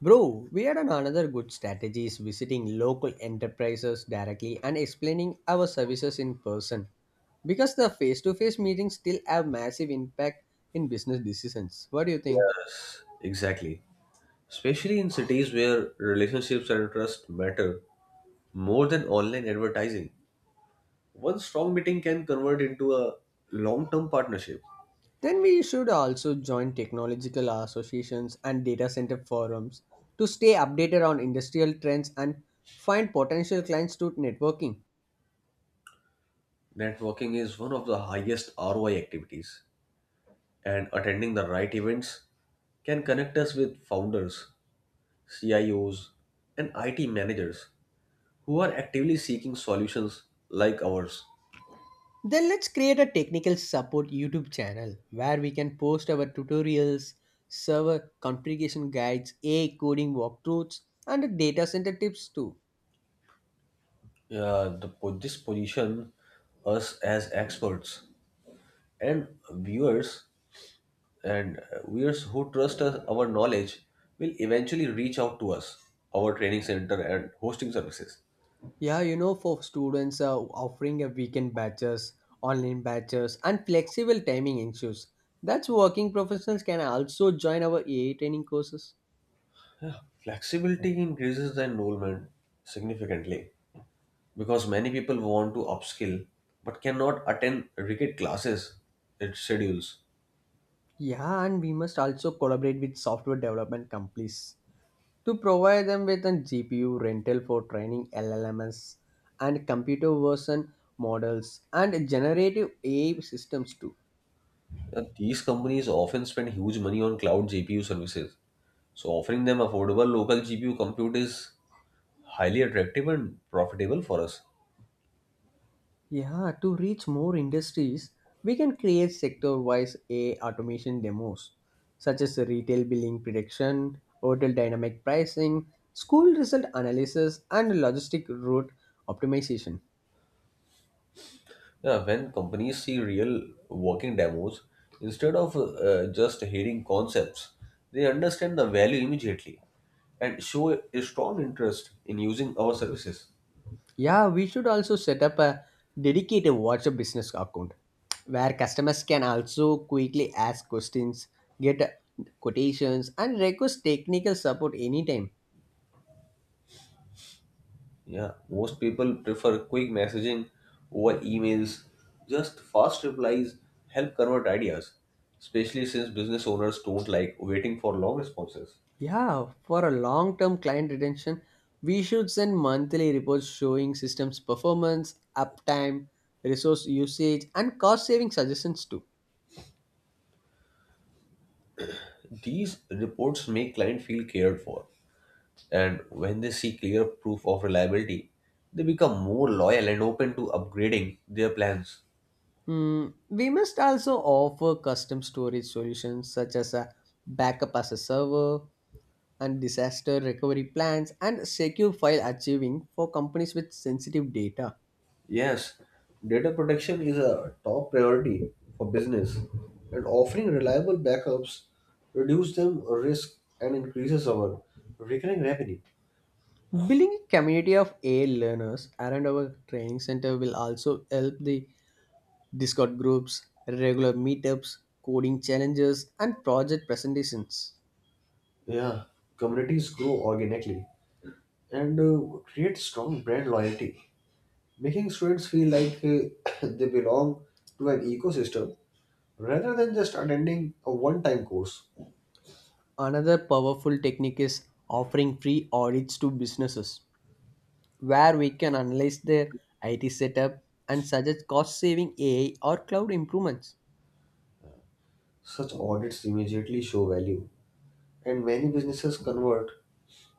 Bro, we had another good strategy is visiting local enterprises directly and explaining our services in person because the face-to-face meetings still have massive impact in business decisions. What do you think? Yes, exactly. Especially in cities where relationships and trust matter more than online advertising. One strong meeting can convert into a long term partnership. Then we should also join technological associations and data center forums to stay updated on industrial trends and find potential clients through networking. Networking is one of the highest ROI activities, and attending the right events can connect us with founders, CIOs, and IT managers who are actively seeking solutions like ours. Then let's create a technical support YouTube channel where we can post our tutorials, server configuration guides, AI coding walkthroughs, and data center tips too. Yeah, this position us as experts and viewers and viewers who trust us, our knowledge will eventually reach out to us our training center and hosting services. Yeah, you know, for students offering a weekend batches, online batches, and flexible timing issues. That's working professionals can also join our AI training courses. Flexibility increases the enrollment significantly because many people want to upskill but cannot attend rigid classes it schedules. Yeah, and we must also collaborate with software development companies to provide them with a GPU rental for training LLMs and computer version models and generative AI systems too. These companies often spend huge money on cloud gpu services, so offering them affordable local gpu compute is highly attractive and profitable for us. Yeah, to reach more industries, we can create sector-wise AI automation demos such as retail billing prediction, hotel dynamic pricing, school result analysis, and logistic route optimization. Yeah, when companies see real working demos instead of just hearing concepts, they understand the value immediately and show a strong interest in using our services. Yeah, we should also set up a dedicated WhatsApp business account where customers can also quickly ask questions, get quotations, and request technical support anytime. Yeah, most people prefer quick messaging over emails. Just fast replies help convert ideas, especially since business owners don't like waiting for long responses. Yeah, for a long term client retention, we should send monthly reports showing systems performance, uptime, resource usage, and cost saving suggestions too. These reports make client feel cared for. And when they see clear proof of reliability, they become more loyal and open to upgrading their plans. Hmm, we must also offer custom storage solutions such as a backup as a server and disaster recovery plans and secure file archiving for companies with sensitive data. Yes, data protection is a top priority for business, and offering reliable backups reduces them risk and increases our recurring revenue. Building a community of AI learners around our training center will also help the Discord groups, regular meetups, coding challenges, and project presentations. Yeah, communities grow organically and create strong brand loyalty, making students feel like they belong to an ecosystem rather than just attending a one-time course. Another powerful technique is offering free audits to businesses, where we can analyze their IT setup and suggest cost saving AI or cloud improvements. Such audits immediately show value, and many businesses convert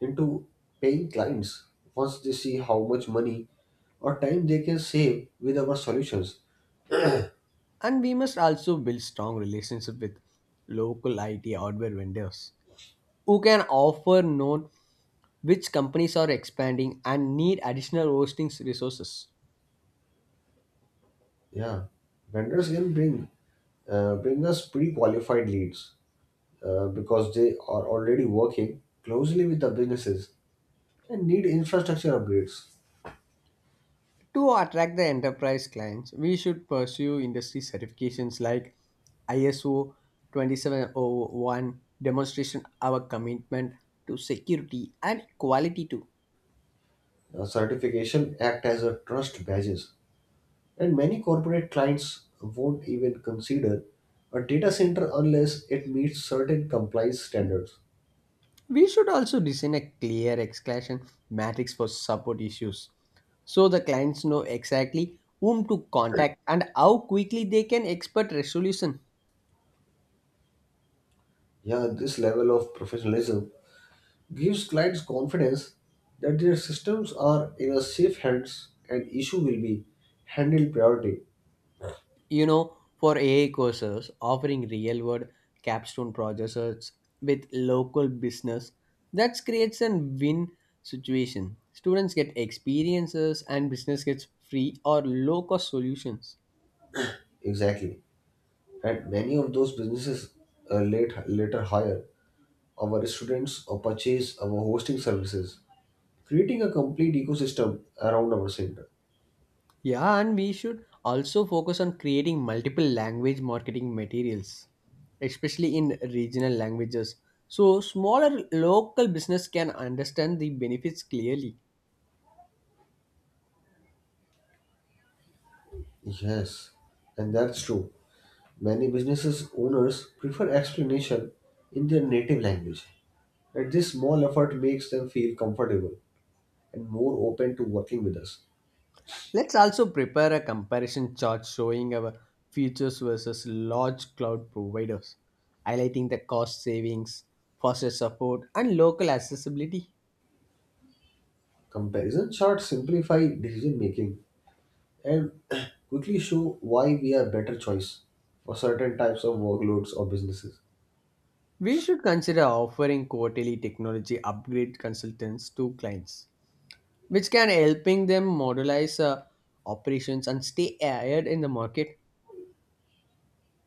into paying clients once they see how much money or time they can save with our solutions. And we must also build strong relationship with local IT hardware vendors who can offer known which companies are expanding and need additional hosting resources. Yeah, vendors can bring bring us pre-qualified leads because they are already working closely with the businesses and need infrastructure upgrades. To attract the enterprise clients, we should pursue industry certifications like ISO 2701 demonstration our commitment to security and quality too. Certification act as a trust badges. And many corporate clients won't even consider a data center unless it meets certain compliance standards. We should also design a clear exclusion matrix for support issues so the clients know exactly whom to contact and how quickly they can expect resolution. Yeah, this level of professionalism gives clients confidence that their systems are in a safe hands and issue will be handled priority. You know, for AI courses offering real world capstone projects with local business, that creates a win situation. Students get experiences and business gets free or low cost solutions. Exactly. And many of those businesses later hire our students or purchase our hosting services, creating a complete ecosystem around our center. Yeah, and we should also focus on creating multiple language marketing materials, especially in regional languages. So smaller local business can understand the benefits clearly. Yes, and that's true. Many businesses owners prefer explanation in their native language, and this small effort makes them feel comfortable and more open to working with us. Let's also prepare a comparison chart showing our futures versus large cloud providers, highlighting the cost savings, faster support, and local accessibility. Comparison charts simplify decision making and quickly show why we are better choice for certain types of workloads or businesses. We should consider offering quarterly technology upgrade consultants to clients which can helping them modelize operations and stay ahead in the market.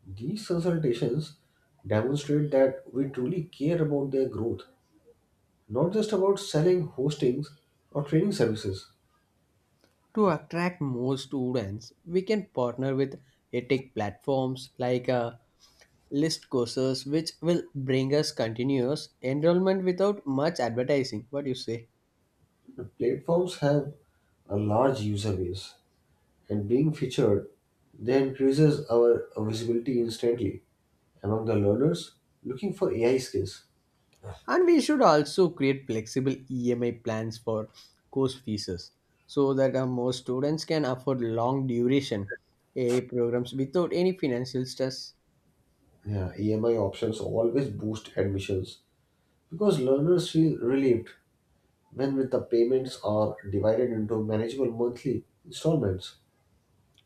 These consultations demonstrate that we truly care about their growth, not just about selling hostings or training services. To attract more students, we can partner with edtech platforms like list courses which will bring us continuous enrollment without much advertising. What do you say? The platforms have a large user base, and being featured, they increases our visibility instantly among the learners looking for AI skills. And we should also create flexible emi plans for course fees so that more students can afford long duration a A programs without any financial stress. Yeah, EMI options always boost admissions because learners feel relieved when with the payments are divided into manageable monthly installments.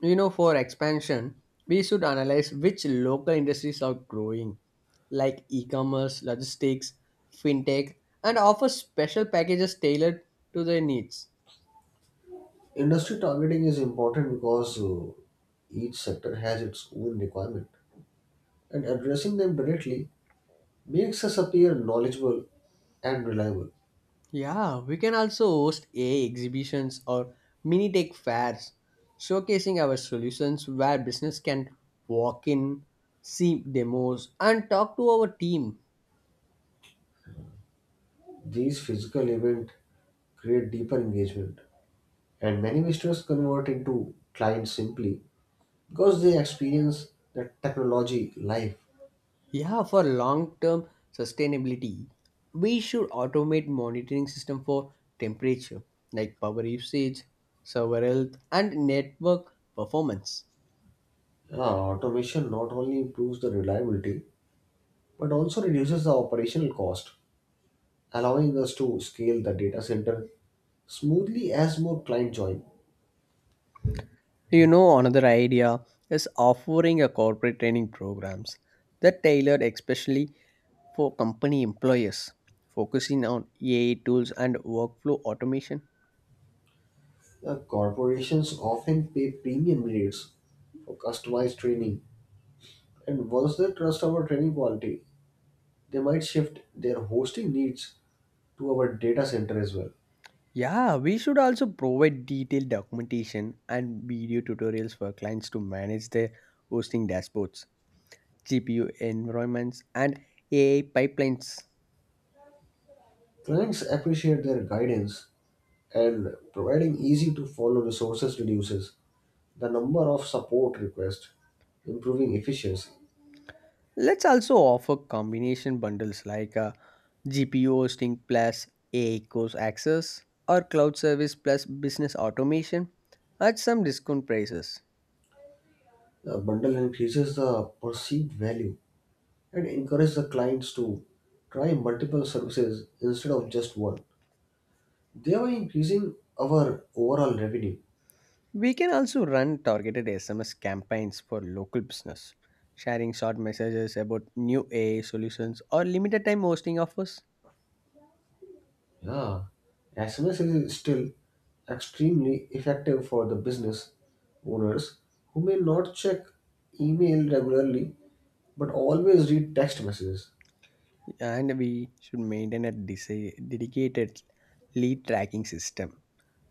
You know, for expansion, we should analyze which local industries are growing, like e commerce, logistics, fintech, and offer special packages tailored to their needs. Industry targeting is important because each sector has its own requirement, and addressing them directly makes us appear knowledgeable and reliable. Yeah, we can also host AI exhibitions or mini tech fairs, showcasing our solutions where business can walk in, see demos, and talk to our team. These physical event create deeper engagement. And many visitors convert into clients simply because they experience the technology live. Yeah, for long-term sustainability, we should automate monitoring system for temperature, like power usage, server health, and network performance. Uh, Automation not only improves the reliability but also reduces the operational cost, allowing us to scale the data center smoothly as more clients join. You know, another idea is offering a corporate training programs that tailored especially for company employers, focusing on AI tools and workflow automation. The corporations often pay premium rates for customized training, and once they trust our training quality, they might shift their hosting needs to our data center as well. Yeah, we should also provide detailed documentation and video tutorials for clients to manage their hosting dashboards, GPU environments, and AI pipelines. Clients appreciate their guidance, and providing easy to follow resources reduces the number of support requests, improving efficiency. Let's also offer combination bundles like GPU hosting plus AI course access or cloud service plus business automation at some discount prices. The bundle increases the perceived value and encourages the clients to try multiple services instead of just one, thereby increasing our overall revenue. We can also run targeted SMS campaigns for local business, sharing short messages about new AI solutions or limited time hosting offers. Yeah, SMS is still extremely effective for the business owners who may not check email regularly but always read text messages. And we should maintain a dedicated lead tracking system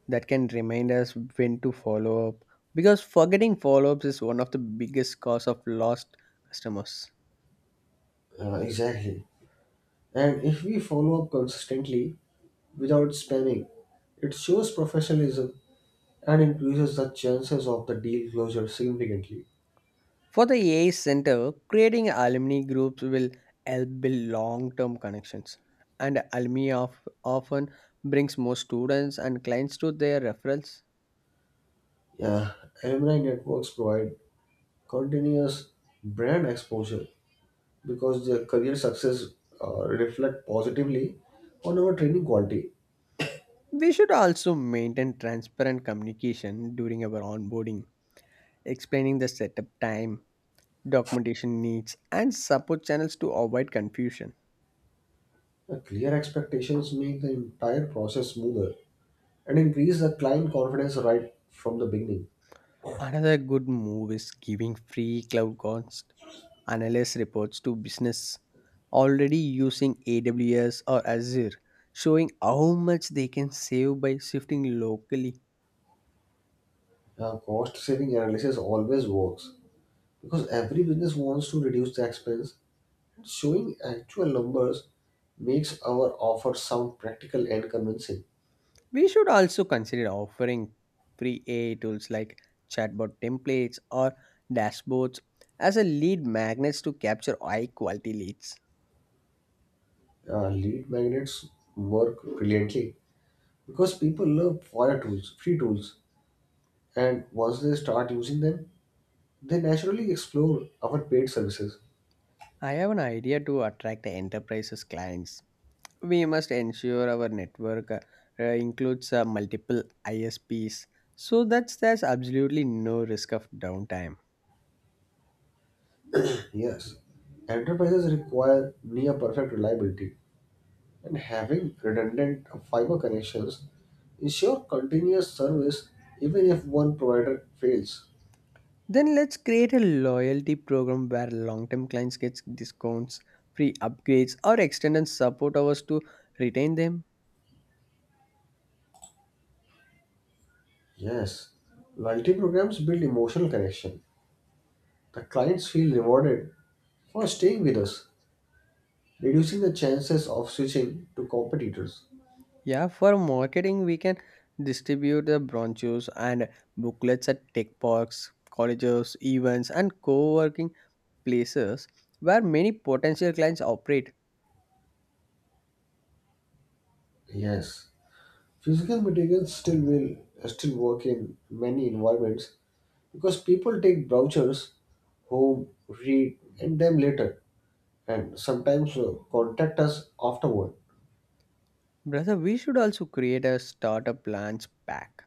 that can remind us when to follow up because forgetting follow ups is one of the biggest cause of lost customers. Exactly. And if we follow up consistently without spamming, it shows professionalism and increases the chances of the deal closure significantly. For the AI Center, creating alumni groups will help build long term connections. And alumni of, often brings more students and clients to their referrals. Yeah, alumni networks provide continuous brand exposure because the career success reflect positively on our training quality. We should also maintain transparent communication during our onboarding, explaining the setup time, documentation needs, and support channels to avoid confusion. Clear expectations make the entire process smoother and increase the client confidence right from the beginning. Another good move is giving free cloud cons analyst reports to business already using AWS or Azure, showing how much they can save by shifting locally. Cost saving analysis always works because every business wants to reduce the expense. Showing actual numbers makes our offer sound practical and convincing. We should also consider offering free AI tools like chatbot templates or dashboards as a lead magnets to capture high quality leads. Lead magnets work brilliantly because people love fire tools, free tools, and once they start using them, they naturally explore our paid services. I have an idea to attract the enterprises clients. We must ensure our network includes multiple ISPs so that there's absolutely no risk of downtime. Yes, enterprises require near perfect reliability, and having redundant fiber connections ensure continuous service even if one provider fails. Then let's create a loyalty program where long-term clients get discounts, free upgrades, or extended support hours to retain them. Yes, loyalty programs build emotional connection. The clients feel rewarded for staying with us, reducing the chances of switching to competitors. Yeah, for marketing, we can distribute the brochures and booklets at tech parks, colleges, events, and co-working places where many potential clients operate. Yes. Physical materials still work in many environments because people take brochures home, read, and them later, and sometimes contact us afterward. Brother, we should also create a startup plans pack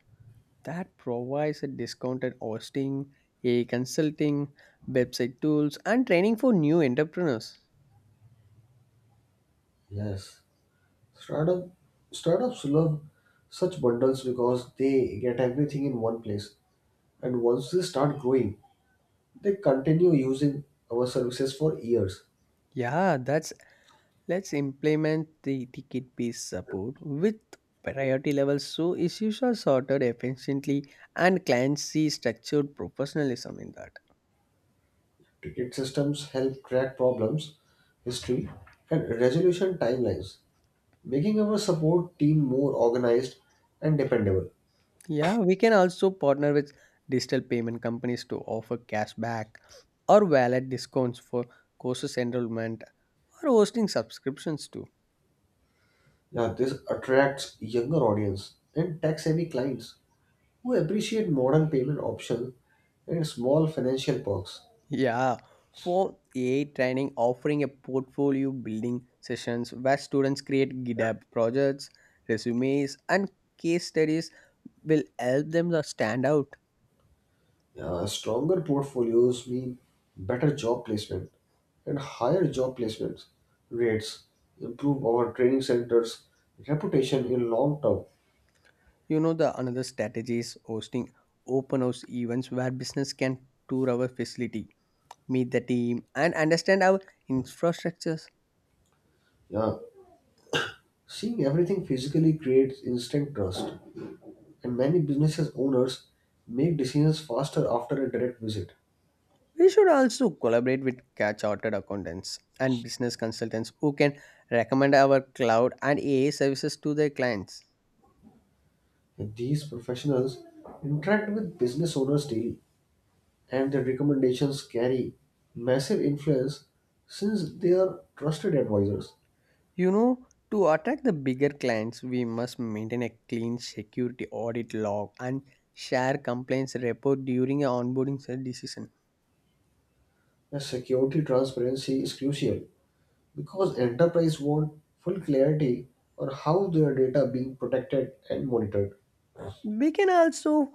that provides a discounted hosting, a consulting, website tools, and training for new entrepreneurs. Yes, startup startups love such bundles because they get everything in one place, and once they start growing, they continue using our services for years. Yeah, that's, let's implement the ticket based support with priority levels so issues are sorted efficiently and clients see structured professionalism in that. Ticket systems help track problems, history, and resolution timelines, making our support team more organized and dependable. Yeah, we can also partner with digital payment companies to offer cashback or wallet discounts for courses enrollment or hosting subscriptions too. Now, this attracts younger audience and tax-savvy clients who appreciate modern payment options and small financial perks. Yeah, for AI training, offering a portfolio building sessions where students create GitHub projects, resumes, and case studies will help them to stand out. Stronger portfolios mean better job placement and higher job placement rates, improve our training centers' reputation in long term. You know, the another strategy is hosting open house events where business can tour our facility, meet the team, and understand our infrastructures. Yeah, seeing everything physically creates instant trust, and many businesses owners make decisions faster after a direct visit. We should also collaborate with chartered accountants and business consultants who can recommend our cloud and AI services to their clients. These professionals interact with business owners daily, and their recommendations carry massive influence since they are trusted advisors. You know, to attract the bigger clients, we must maintain a clean security audit log and share complaints report during a onboarding decision. The security transparency is crucial because enterprise want full clarity on how their data being protected and monitored. We can also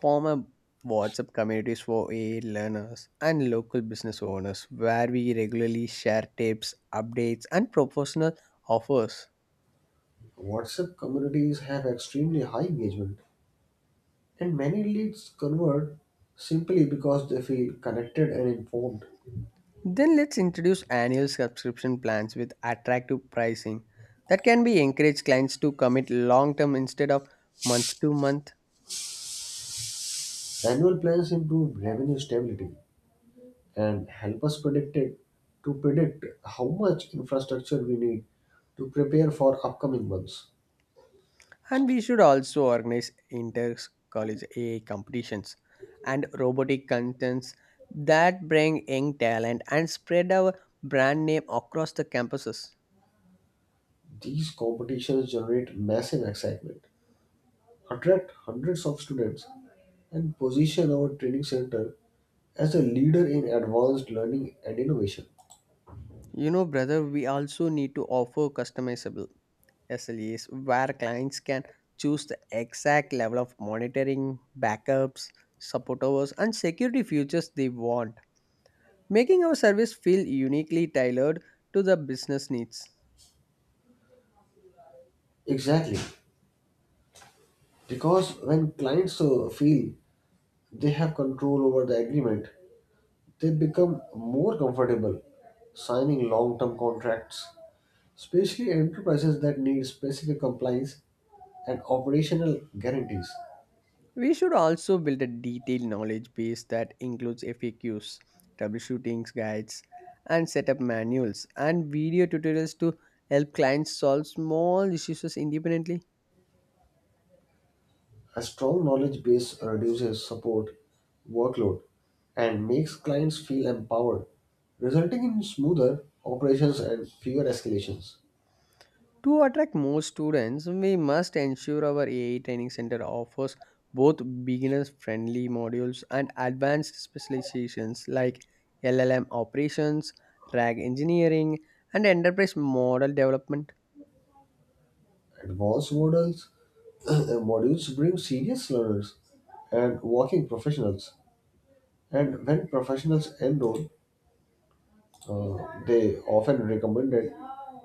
form a WhatsApp communities for AI learners and local business owners where we regularly share tips, updates, and professional offers. WhatsApp communities have extremely high engagement, and many leads convert simply because they feel connected and informed. Then let's introduce annual subscription plans with attractive pricing that can be encourage clients to commit long term instead of month to month. Annual plans improve revenue stability and help us predict it, to predict how much infrastructure we need to prepare for upcoming months. And we should also organize inter college AI competitions and robotic contests that bring young talent and spread our brand name across the campuses. These competitions generate massive excitement, attract hundreds of students, and position our training center as a leader in advanced learning and innovation. You know, brother, we also need to offer customizable SLAs where clients can choose the exact level of monitoring, backups, support hours, and security features they want, making our service feel uniquely tailored to the business needs. Exactly, because when clients feel they have control over the agreement, they become more comfortable signing long term contracts, especially enterprises that need specific compliance and operational guarantees. We should also build a detailed knowledge base that includes FAQs, troubleshooting guides, and setup manuals and video tutorials to help clients solve small issues independently. A strong knowledge base reduces support workload and makes clients feel empowered, resulting in smoother operations and fewer escalations. To attract more students, we must ensure our AI training center offers both beginner friendly modules and advanced specializations like LLM operations, RAG engineering, and enterprise model development. Advanced models modules bring serious learners and working professionals. And when professionals enroll, Uh, they often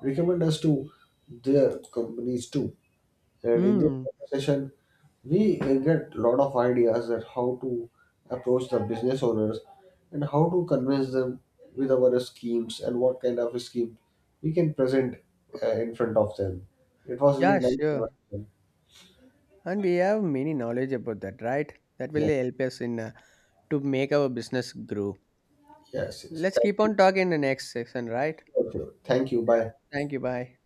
recommend us to their companies too. And in this Hmm, conversation, we get a lot of ideas that how to approach the business owners and how to convince them with our schemes and what kind of scheme we can present in front of them. It was really yeah, nice sure. conversation. And we have many knowledge about that, right? That will Yes, help us in to make our business grow. yes, yes. Let's Thank keep you. on talking in the next section, right? Okay. Thank you. Yeah. Bye. Thank you. Bye.